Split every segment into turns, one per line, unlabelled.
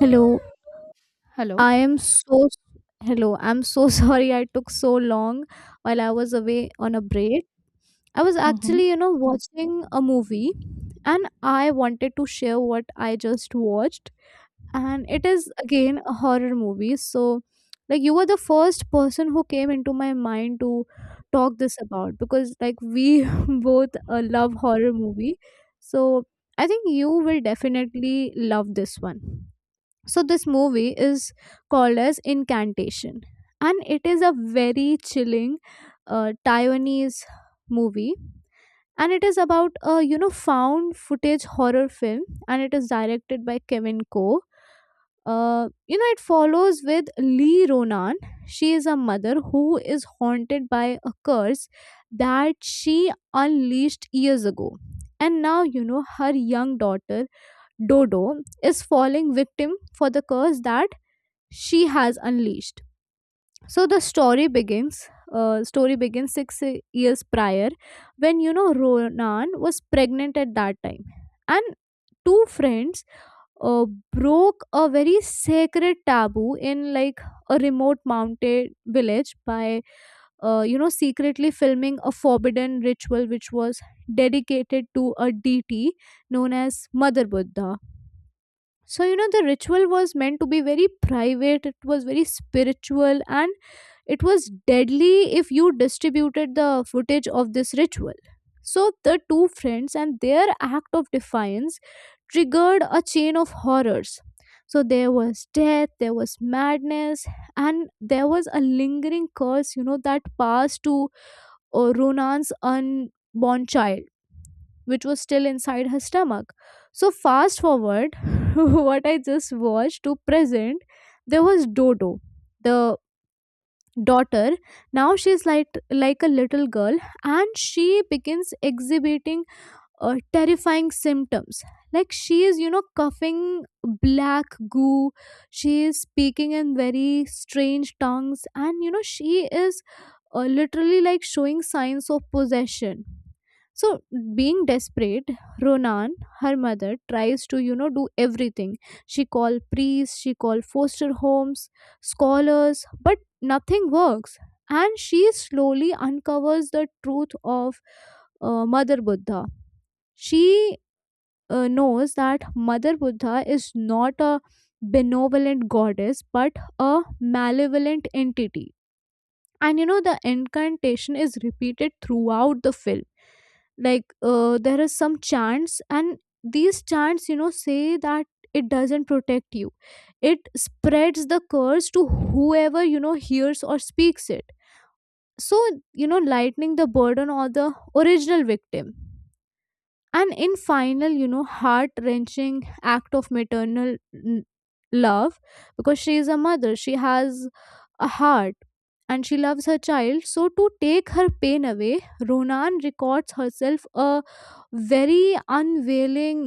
Hello,
Hello.
I am so hello. I'm so sorry I took so long while I was away on a break. I was
Mm-hmm.
actually, watching a movie and I wanted to share what I just watched, and it is again a horror movie. So like you were the first person who came into my mind to talk this about because like we both love horror movie. So I think you will definitely love this one. So this movie is called as Incantation, and it is a very chilling Taiwanese movie. And it is about a found footage horror film, and it is directed by Kevin Ko. It follows with Lee Ronan. She is a mother who is haunted by a curse that she unleashed years ago, and now her young daughter Dodo is falling victim for the curse that she has unleashed. So the story begins. Story begins 6 years prior, when Ronan was pregnant at that time, and two friends uh, broke a very sacred taboo in like a remote mountain village by secretly filming a forbidden ritual which was dedicated to a deity known as Mother Buddha. So the ritual was meant to be very private, it was very spiritual, and it was deadly if you distributed the footage of this ritual. So the two friends and their act of defiance triggered a chain of horrors. So there was death, there was madness, and there was a lingering curse, that passed to Ronan's unborn child, which was still inside her stomach. So, fast forward, what I just watched to present, there was Dodo, the daughter. Now she's like a little girl, and she begins exhibiting terrifying symptoms. Like she is, coughing black goo. She is speaking in very strange tongues, and she is literally like showing signs of possession. So, being desperate, Ronan, her mother, tries to, do everything. She called priests, she called foster homes, scholars, but nothing works. And she slowly uncovers the truth of Mother Buddha. She knows that Mother Buddha is not a benevolent goddess but a malevolent entity. And the incantation is repeated throughout the film. Like there is some chants, and these chants, say that it doesn't protect you, it spreads the curse to whoever hears or speaks it, so lightening the burden on the original victim. And in final, heart wrenching act of maternal love, because she is a mother, she has a heart, and she loves her child. So to take her pain away, Ronan records herself a very unveiling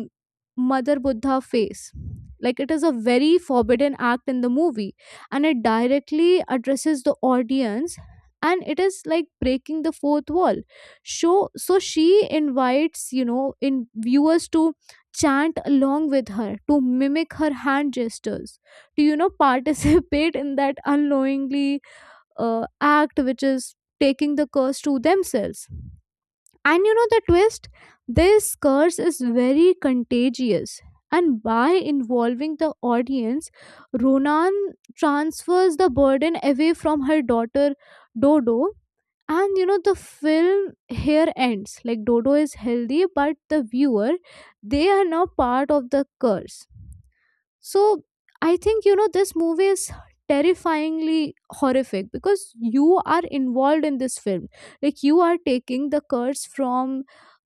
Mother Buddha face. Like it is a very forbidden act in the movie, and it directly addresses the audience, and it is like breaking the fourth wall show. So she invites in viewers to chant along with her, to mimic her hand gestures, to participate in that unknowingly act, which is taking the curse to themselves. And the twist, this curse is very contagious, and by involving the audience, Ronan transfers the burden away from her daughter Dodo. And the film here ends. Like Dodo is healthy but the viewer, they are now part of the curse. So I think this movie is terrifyingly horrific because you are involved in this film. Like you are taking the curse from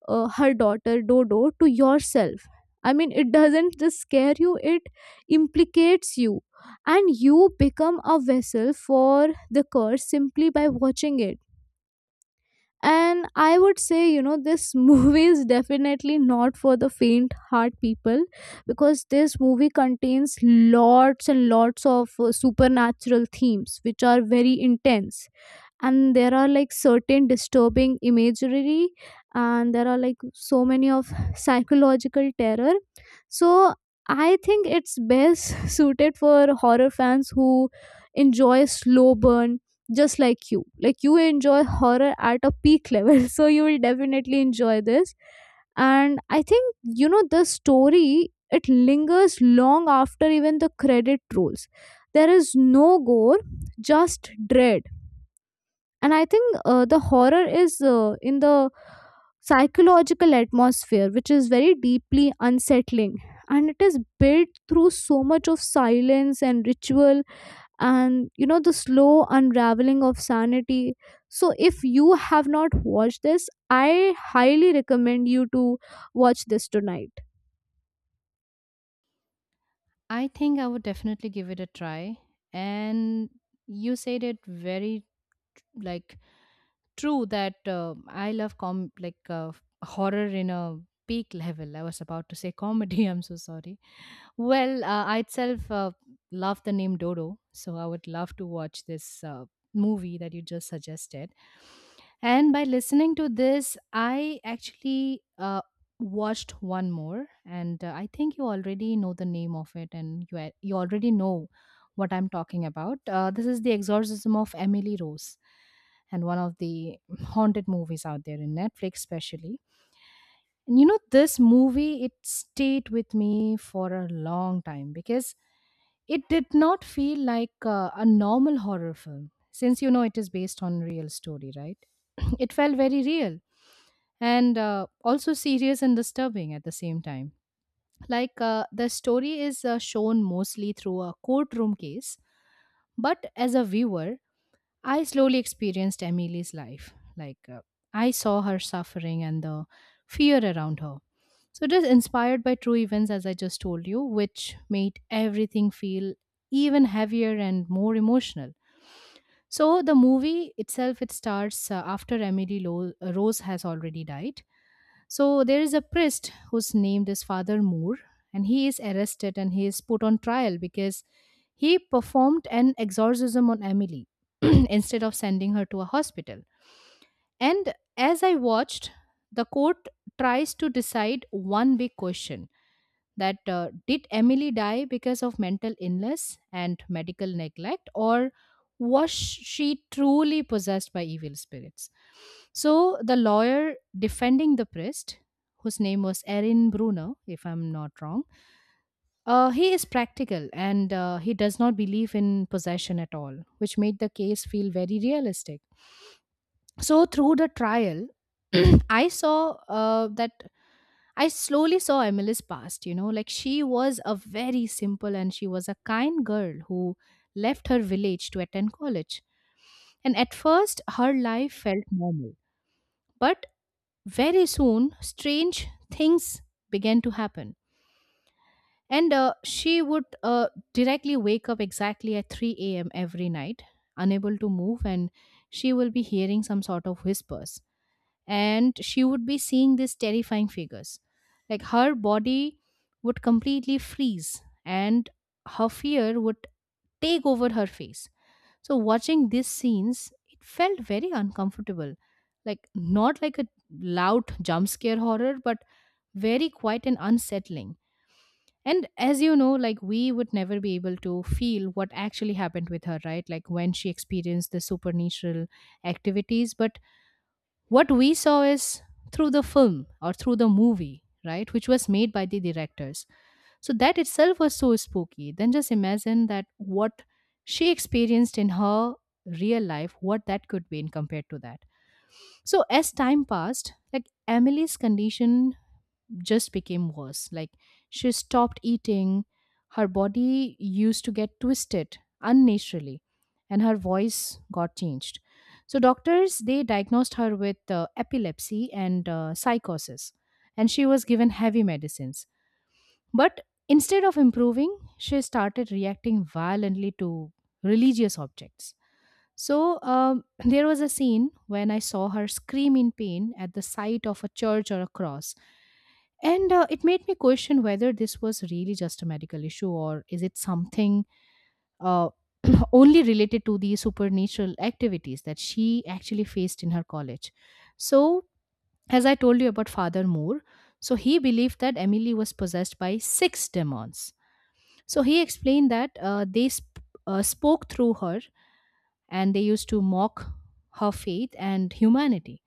her daughter Dodo to yourself. I mean, it doesn't just scare you, it implicates you, and you become a vessel for the curse simply by watching it. And I would say, this movie is definitely not for the faint heart people, because this movie contains lots and lots of supernatural themes which are very intense, and there are like certain disturbing imagery, and there are like so many of psychological terror. So I think it's best suited for horror fans who enjoy slow burn, just like you. Like you enjoy horror at a peak level so you will definitely enjoy this. And I think the story, it lingers long after even the credit rolls. There is no gore, just dread. And I think the horror is in the psychological atmosphere, which is very deeply unsettling, and it is built through so much of silence and ritual, and the slow unraveling of sanity. So if you have not watched this, I highly recommend you to watch this tonight.
I think I would definitely give it a try. And you said it very tr- like true that I love com like horror in a peak level. I was about to say comedy. I'm so sorry. Well, I itself love the name Dodo, so I would love to watch this movie that you just suggested. And by listening to this, I actually watched one more, and I think you already know the name of it, and you already know what I'm talking about. This is The Exorcism of Emily Rose, and one of the haunted movies out there in Netflix, especially. And you know, this movie, it stayed with me for a long time because it did not feel like a normal horror film, since you know it is based on real story, right? It felt very real, and also serious and disturbing at the same time. Like, the story is shown mostly through a courtroom case, but as a viewer I slowly experienced Emily's life. Like, I saw her suffering and the fear around her. So, it is inspired by true events, as I just told you, which made everything feel even heavier and more emotional. So, the movie itself, it starts after Emily Rose has already died. So there is a priest who's named as Father Moore, and he is arrested and he is put on trial because he performed an exorcism on Emily instead of sending her to a hospital. And as I watched, the court tries to decide one big question, that did Emily die because of mental illness and medical neglect, or was she truly possessed by evil spirits? So the lawyer defending the priest, whose name was Erin Brunner, if I'm not wrong, he is practical and he does not believe in possession at all, which made the case feel very realistic. So through the trial, I saw uh, that I slowly saw Emily's past, you know, like she was a very simple and she was a kind girl who left her village to attend college. And at first, her life felt normal. But very soon, strange things began to happen. And she would directly wake up exactly at 3 a.m. every night, unable to move, and she will be hearing some sort of whispers, and she would be seeing these terrifying figures. Like her body would completely freeze and her fear would take over her face. So watching these scenes, it felt very uncomfortable. Like not like a loud jump scare horror, but very quiet and unsettling. And as you know, like we would never be able to feel what actually happened with her, right? Like when she experienced the supernatural activities. But what we saw is through the film or through the movie, right, which was made by the directors. So that itself was so spooky, then just imagine that what she experienced in her real life, what that could be in compared to that. So as time passed, like Emily's condition just became worse. Like she stopped eating, her body used to get twisted unnaturally, and her voice got changed. So doctors they diagnosed her with epilepsy and psychosis, and she was given heavy medicines. But instead of improving, she started reacting violently to religious objects. So, there was a scene when I saw her scream in pain at the sight of a church or a cross. And it made me question whether this was really just a medical issue, or is it something uh, only related to the supernatural activities that she actually faced in her college. So, as I told you about Father Moore, so he believed that Emily was possessed by six demons. So he explained that they spoke through her and they used to mock her faith and humanity.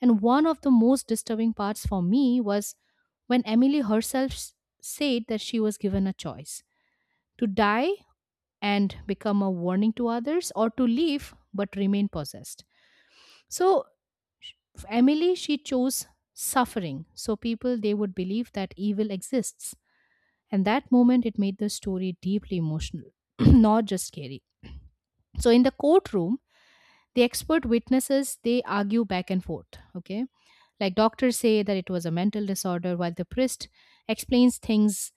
And one of the most disturbing parts for me was when said that she was given a choice to die and become a warning to others, or to leave but remain possessed. So, sh- Emily, she chose suffering. So, people they would believe that evil exists. And that moment, it made the story deeply emotional, not just scary. So, in the courtroom, the expert witnesses they argue back and forth, okay? Like doctors say that it was a mental disorder, while the priest explains things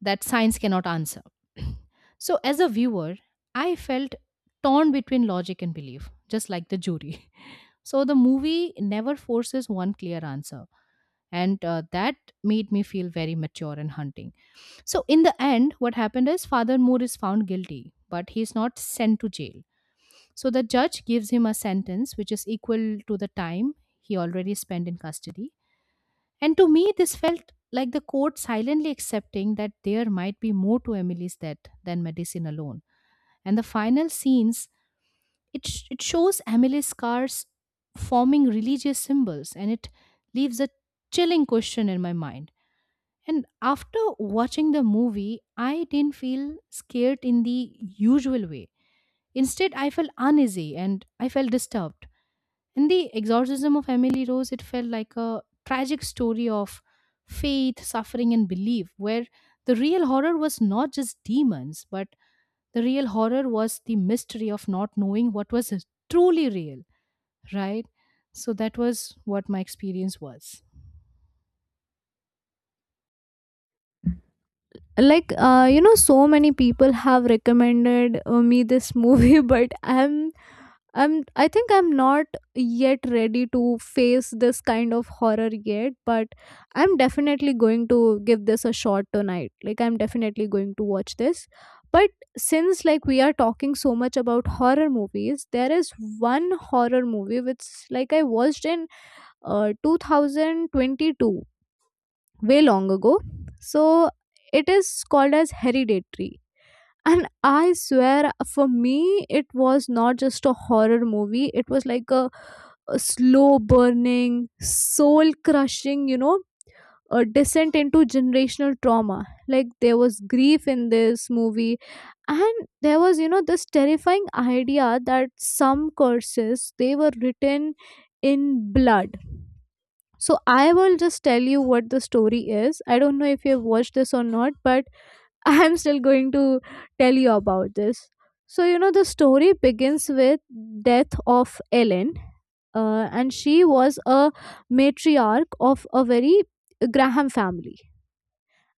that science cannot answer. So as a viewer, I felt torn between logic and belief, just like the jury. So the movie never forces one clear answer, and that made me feel very mature in hunting. So in the end what happened is Father Moore is found guilty but he is not sent to jail. So the judge gives him a sentence which is equal to the time he already spent in custody. And to me, this felt like the court silently accepting that there might be more to Emily's death than medicine alone. And the final scenes, it shows Emily's scars forming religious symbols, and it leaves a chilling question in my mind. And after watching the movie, I didn't feel scared in the usual way. Instead, I felt uneasy and I felt disturbed. In The Exorcism of Emily Rose, it felt like a tragic story of faith, suffering, and belief, where the real horror was not just demons, but the real horror was the mystery of not knowing what was truly real, right? So that was what my experience was.
Like so many people have recommended me this movie, but I'm I think I'm not yet ready to face this kind of horror yet, but I'm definitely going to give this a shot tonight. Like I'm definitely going to watch this. But since like we are talking so much about horror movies, there is one horror movie which like I watched in 2022, way long ago. So it is called as Hereditary, and I swear, for me, it was not just a horror movie. It was like a slow burning, soul crushing, a descent into generational trauma. Like, there was grief in this movie, and there was, this terrifying idea that some curses, they were written in blood. So, I will just tell you what the story is. I don't know if you've watched this or not, but I'm still going to tell you about this. So, the story begins with death of Ellen, and she was a matriarch of a very Graham family,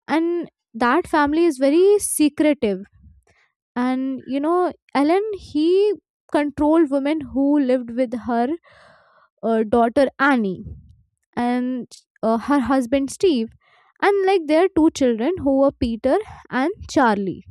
and that family is very secretive. And Ellen he controlled women who lived with her daughter Annie, and her husband Steve, and like their two children, who were Peter and Charlie.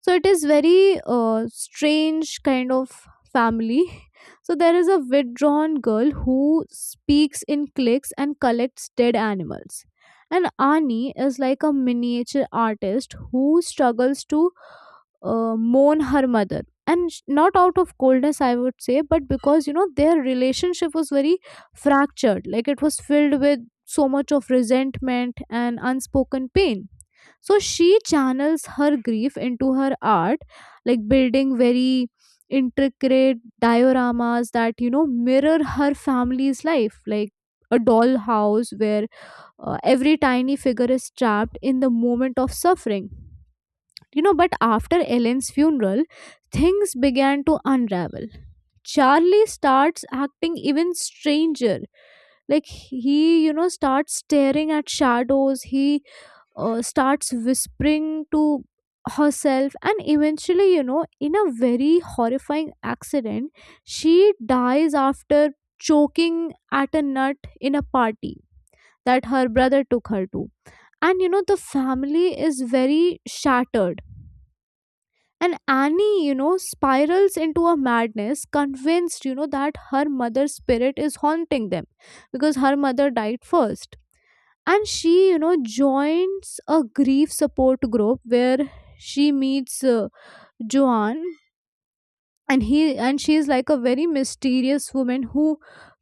So it is very strange kind of family. So there is a withdrawn girl who speaks in clicks and collects dead animals, and Ani is like a miniature artist who struggles to mourn her mother. And not out of coldness, I would say, but because their relationship was very fractured. Like it was filled with so much of resentment and unspoken pain. So she channels her grief into her art, like building very intricate dioramas that, mirror her family's life, like a dollhouse where every tiny figure is trapped in the moment of suffering. You know, but after Ellen's funeral, things began to unravel. Charlie starts acting even stranger. Like he, starts staring at shadows. He starts whispering to herself, and eventually in a very horrifying accident, she dies after choking at a nut in a party that her brother took her to. And the family is very shattered, and Annie, spirals into a madness, convinced that her mother's spirit is haunting them, because her mother died first. And she, joins a grief support group, where she meets Joan, and he, and she is like a very mysterious woman who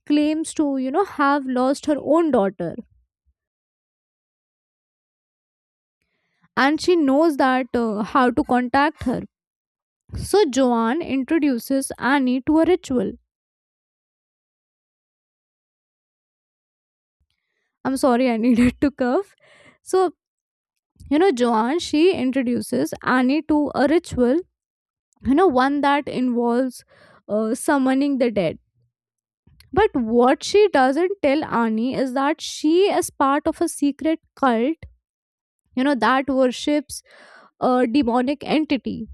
claims to have lost her own daughter, and she knows that how to contact her. So Joanne introduces Annie to a ritual. I'm sorry, I needed to cough. So Joanne, she introduces Annie to a ritual, one that involves summoning the dead. But what she doesn't tell Ani is that she is part of a secret cult, that worships a demonic entity.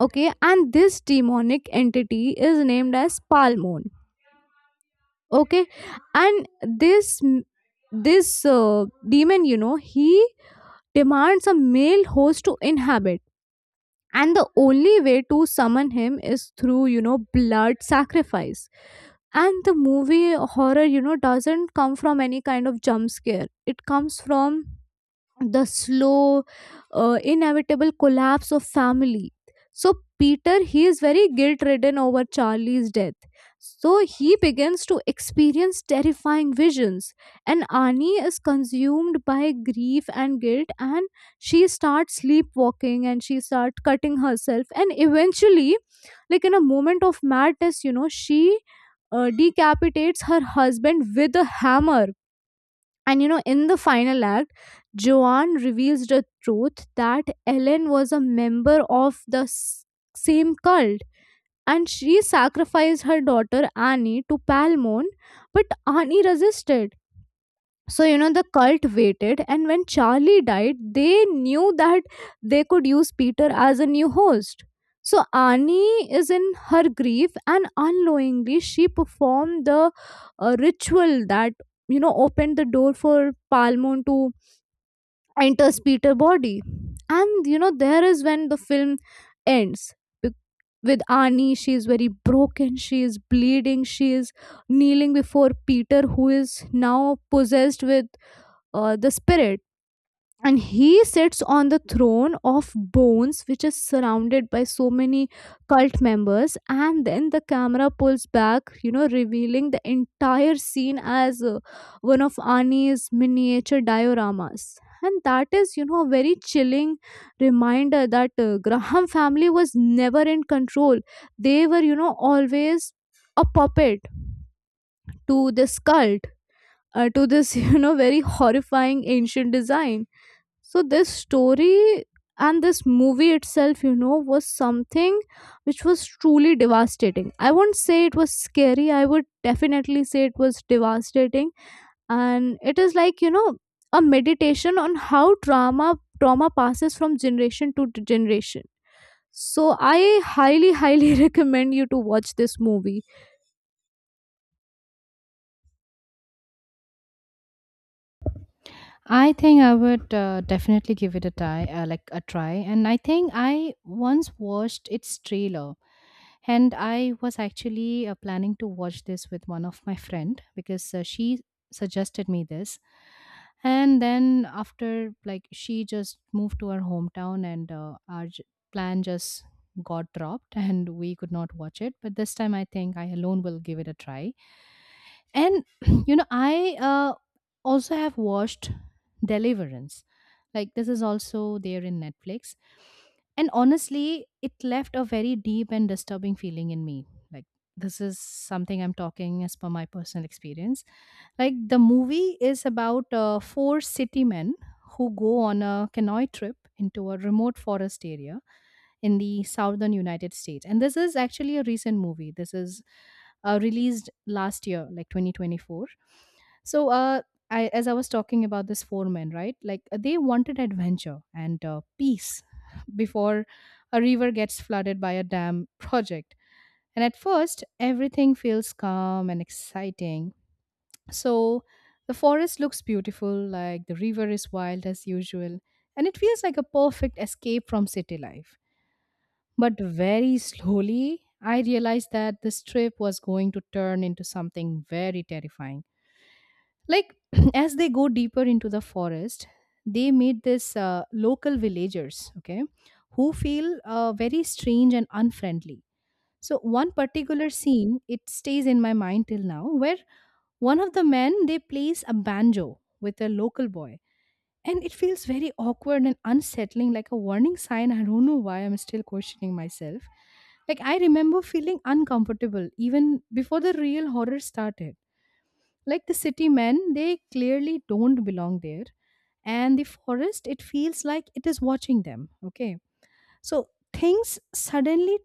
Okay, and this demonic entity is named as Palmon. Okay, and this this demon, he demands a male host to inhabit, and the only way to summon him is through blood sacrifice. And the movie horror, doesn't come from any kind of jump scare. It comes from the slow inevitable collapse of family. So Peter, he is very guilt ridden over Charlie's death, so he begins to experience terrifying visions. And Annie is consumed by grief and guilt, and she starts sleepwalking, and she starts cutting herself, and eventually, like in a moment of madness, she decapitates her husband with a hammer. And you know, in the final act, Joanne reveals the truth that Ellen was a member of the same cult. And she sacrificed her daughter Annie to Palmon, but Annie resisted. So, you know, the cult waited, and when Charlie died, they knew that they could use Peter as a new host. So, Annie is in her grief, and unknowingly, she performed the ritual that, you know, opened the door for Palmon to enter Peter's body. And, you know, there is when the film ends. Be- With Annie, she is very broken, she is bleeding, she is kneeling before Peter, who is now possessed with the spirit, and he sits on the throne of bones, which is surrounded by so many cult members. And then the camera pulls back, you know, revealing the entire scene as one of Ani's miniature dioramas. And that is, you know, a very chilling reminder that Graham family was never in control. They were, you know, always a puppet to this cult, to this you know, very horrifying ancient design. So this story and this movie itself, you know, was something which was truly devastating. I won't say it was scary, I would definitely say it was devastating. And it is like, you know, a meditation on how trauma passes from generation to generation. So I highly recommend you to watch this movie.
I think I would definitely give it a try, And I think I once watched its trailer, and I was actually planning to watch this with one of my friend because she suggested me this. And then after, like, she just moved to her hometown, and plan just got dropped, and we could not watch it. But this time, I think I alone will give it a try. And you know, I also have watched Deliverance. Like this is also there in Netflix, and honestly it left a very deep and disturbing feeling in me. Like, this is something I'm talking as per my personal experience. Like, the movie is about four city men who go on a canoe trip into a remote forest area in the southern United States. And this is actually a recent movie. This is released last year, like 2024. So, I, as I was talking about this four men, right? Like they wanted adventure and peace before a river gets flooded by a dam project. And at first, everything feels calm and exciting. So the forest looks beautiful, like the river is wild as usual, and it feels like a perfect escape from city life. But very slowly, I realized that this trip was going to turn into something very terrifying. Like, as they go deeper into the forest, they meet this local villagers, okay, who feel very strange and unfriendly. So, one particular scene, it stays in my mind till now, where one of the men they plays a banjo with a local boy, and it feels very awkward and unsettling, like a warning sign. I don't know why I'm still questioning myself. Like, I remember feeling uncomfortable even before the real horror started. Like, the city men, they clearly don't belong there. And the forest, it feels like it is watching them. Okay. So, things suddenly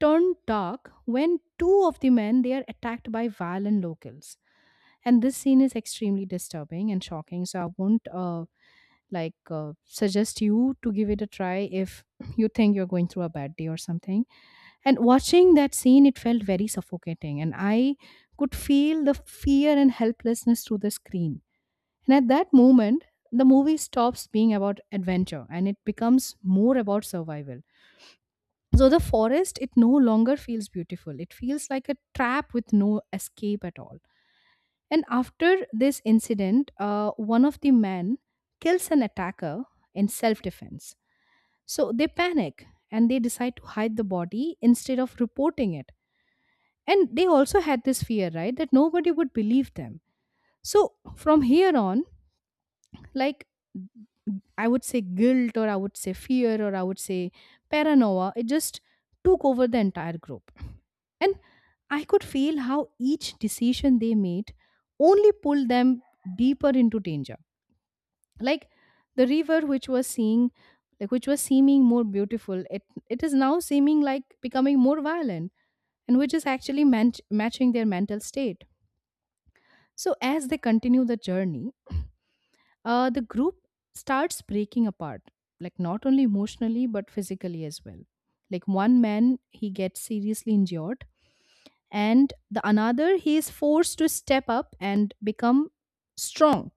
turn dark when two of the men they are attacked by violent locals, and this scene is extremely disturbing and shocking, so I won't suggest you to give it a try if you think you're going through a bad day or something. And watching that scene, it felt very suffocating, and I could feel the fear and helplessness through the screen. And at that moment, the movie stops being about adventure and it becomes more about survival. So the forest, it no longer feels beautiful, it feels like a trap with no escape at all. And after this incident, one of the men kills an attacker in self defense. So they panic and they decide to hide the body instead of reporting it. And they also had this fear, right, that nobody would believe them. So from here on, like, I would say guilt, or I would say fear, or I would say paranoia, it just took over the entire group. And I could feel how each decision they made only pulled them deeper into danger. Like the river, which was seeing, like, which was seeming more beautiful, it is now seeming like becoming more violent, and which is actually matching their mental state. So as they continue the journey, the group starts breaking apart, like not only emotionally but physically as well. Like one man he gets seriously injured, and the another he is forced to step up and become strong,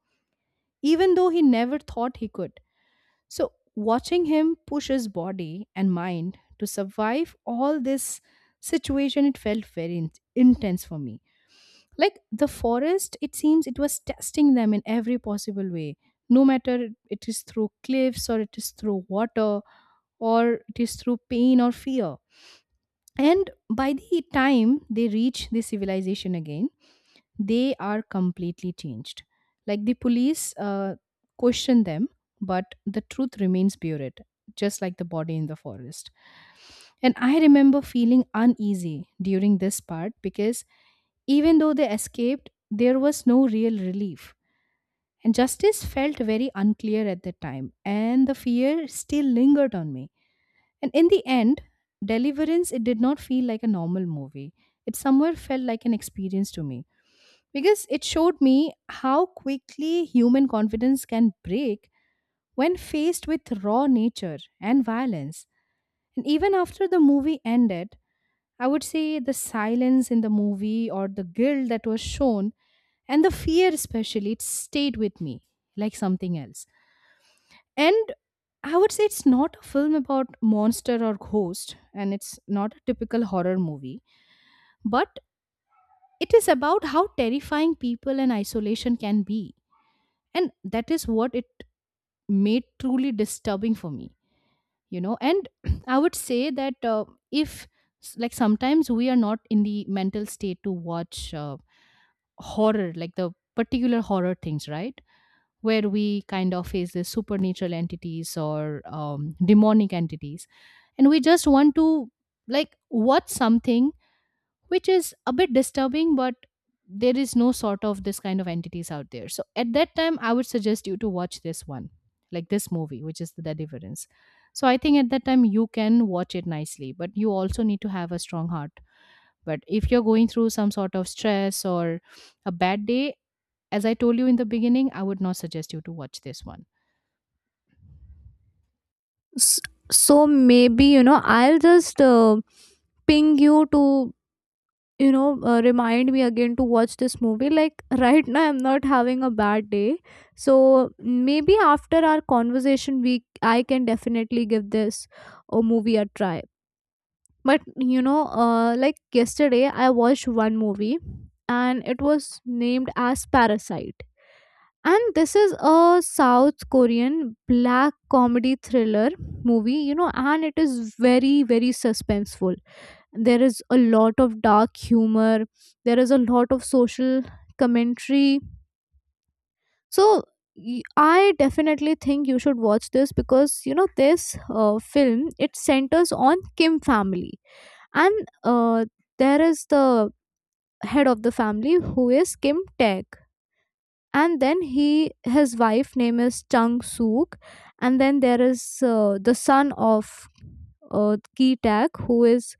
even though he never thought he could. So, watching him push his body and mind to survive all this situation, it felt very intense for me. Like the forest, it seems it was testing them in every possible way. No matter it is through cliffs, or it is through water, or it is through pain or fear. And by the time they reach the civilization again, they are completely changed. Like the police question them, but the truth remains buried, just like the body in the forest. And I remember feeling uneasy during this part because even though they escaped, there was no real relief. And justice felt very unclear at the time, and the fear still lingered on me. And in the end, Deliverance, it did not feel like a normal movie. It somewhere felt like an experience to me because it showed me how quickly human confidence can break when faced with raw nature and violence. And even after the movie ended, I would say the silence in the movie, or the guilt that was shown, and the fear, especially, it stayed with me like something else. And I would say it's not a film about monster or ghost, and it's not a typical horror movie, but it is about how terrifying people and isolation can be, and that is what it made truly disturbing for me. You know, and I would say that if like sometimes we are not in the mental state to watch horror, like the particular horror things, right, where we kind of face the supernatural entities or demonic entities, and we just want to like watch something which is a bit disturbing, but there is no sort of this kind of entities out there, so at that time I would suggest you to watch this one, like this movie which is the Deliverance. So I think at that time you can watch it nicely, but you also need to have a strong heart. But if you're going through some sort of stress or a bad day, as I told you in the beginning, I would not suggest you to watch this one.
S- so maybe, you know, I'll just ping you to, you know, remind me again to watch this movie. Like right now I'm not having a bad day, so maybe after our conversation we I can definitely give this a movie a try. But you know, like yesterday I watched one movie, and it was named as Parasite. And this is a South Korean black comedy thriller movie, you know, and it is very very suspenseful. There is a lot of dark humor, there is a lot of social commentary. So I definitely think you should watch this, because you know this film, it centers on Kim family. And there is the head of the family who is Kim Taek, and then he his wife name is Chung Sook. And then there is the son of Ki Taek, who is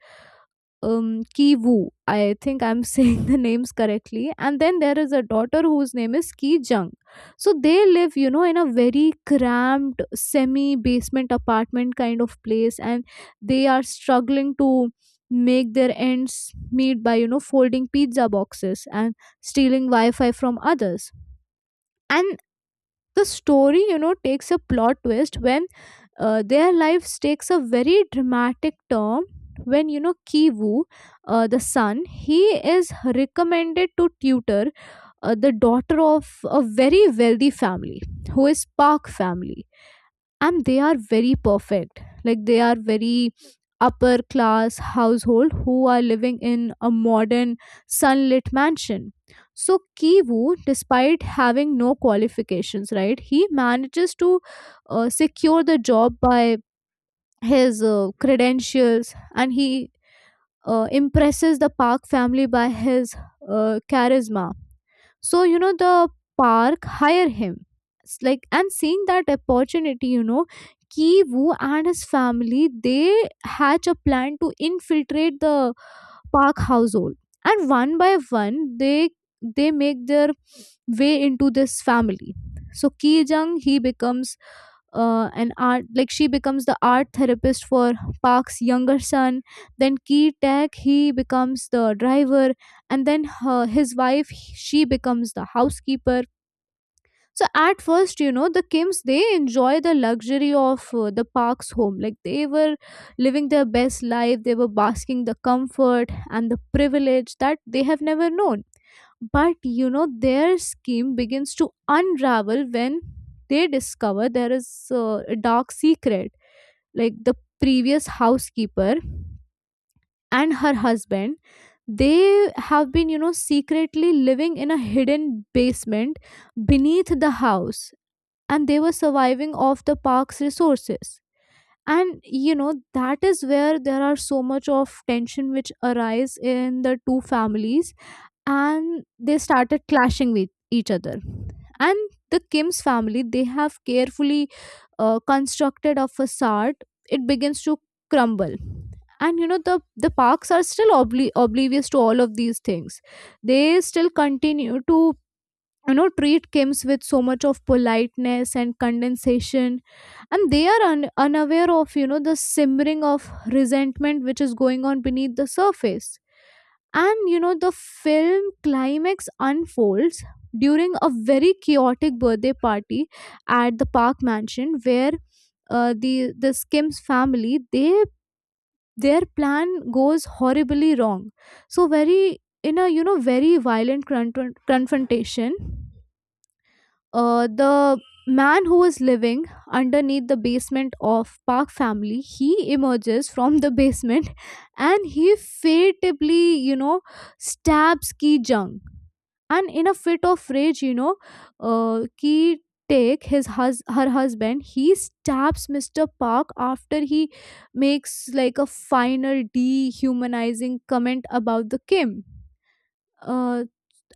Ki Woo. I think I'm saying the names correctly. And then there is a daughter whose name is Ki Jung. So they live, you know, in a very cramped semi basement apartment kind of place, and they are struggling to make their ends meet by, you know, folding pizza boxes and stealing Wi Fi from others. And the story, you know, takes a plot twist when their lives takes a very dramatic turn, when you know Kivu, the son, he is recommended to tutor the daughter of a very wealthy family, who is Park family. And they are very perfect, like they are very upper class household, who are living in a modern sunlit mansion. So Kivu, despite having no qualifications, right, he manages to secure the job by his credentials, and he impresses the Park family by his charisma. So you know the Park hire him. It's like, and seeing that opportunity, you know, Ki Woo and his family, they hatch a plan to infiltrate the Park household. And one by one, they make their way into this family. So Ki Jung, he becomes an art, like she becomes the art therapist for Park's younger son. Then Ki Tech, he becomes the driver. And then her, his wife, she becomes the housekeeper. So at first, you know, the Kims they enjoy the luxury of the Park's home. Like they were living their best life. They were basking the comfort and the privilege that they have never known. But you know, their scheme begins to unravel when they discover there is a dark secret. Like the previous housekeeper and her husband, they have been, you know, secretly living in a hidden basement beneath the house, and they were surviving off the Park's resources. And you know, that is where there are so much of tension which arise in the two families, and they started clashing with each other. And the Kim's family, they have carefully constructed a facade, it begins to crumble. And you know, the Parks are still oblivious to all of these things. They still continue to, you know, treat Kims with so much of politeness and condensation, and they are unaware of, you know, the simmering of resentment which is going on beneath the surface. And you know, the film climax unfolds during a very chaotic birthday party at the Park mansion, where the Skims family, they their plan goes horribly wrong. So very, in a you know very violent confrontation, the man who is living underneath the basement of Park family, he emerges from the basement, and he fatally, you know, stabs Ki Jung. And in a fit of rage, you know, Ki Take his her husband, he stabs Mr. Park after he makes like a final dehumanizing comment about the Kim. Uh,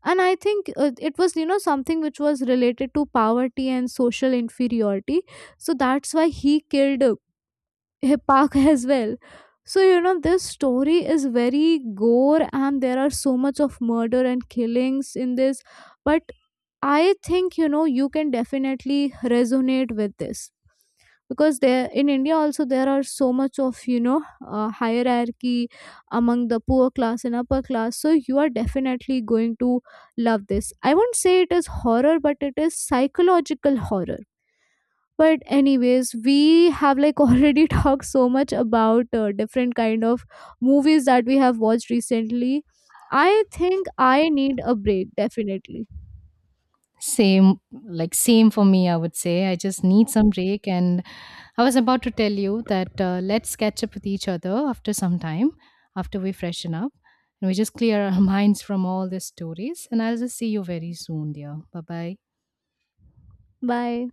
and I think it was, you know, something which was related to poverty and social inferiority, so that's why he killed a Park as well. So you know, this story is very gore and there are so much of murder and killings in this. But I think, you know, you can definitely resonate with this, because there in India also there are so much of, you know, hierarchy among the poor class and upper class. So you are definitely going to love this. I won't say it is horror, but it is psychological horror. But anyways, we have like already talked so much about different kind of movies that we have watched recently. I think I need a break definitely.
Same, like, same for me, I would say. I just need some break. And I was about to tell you that let's catch up with each other after some time, after we freshen up and we just clear our minds from all the stories. And I'll just see you very soon, dear. Bye bye.
Bye.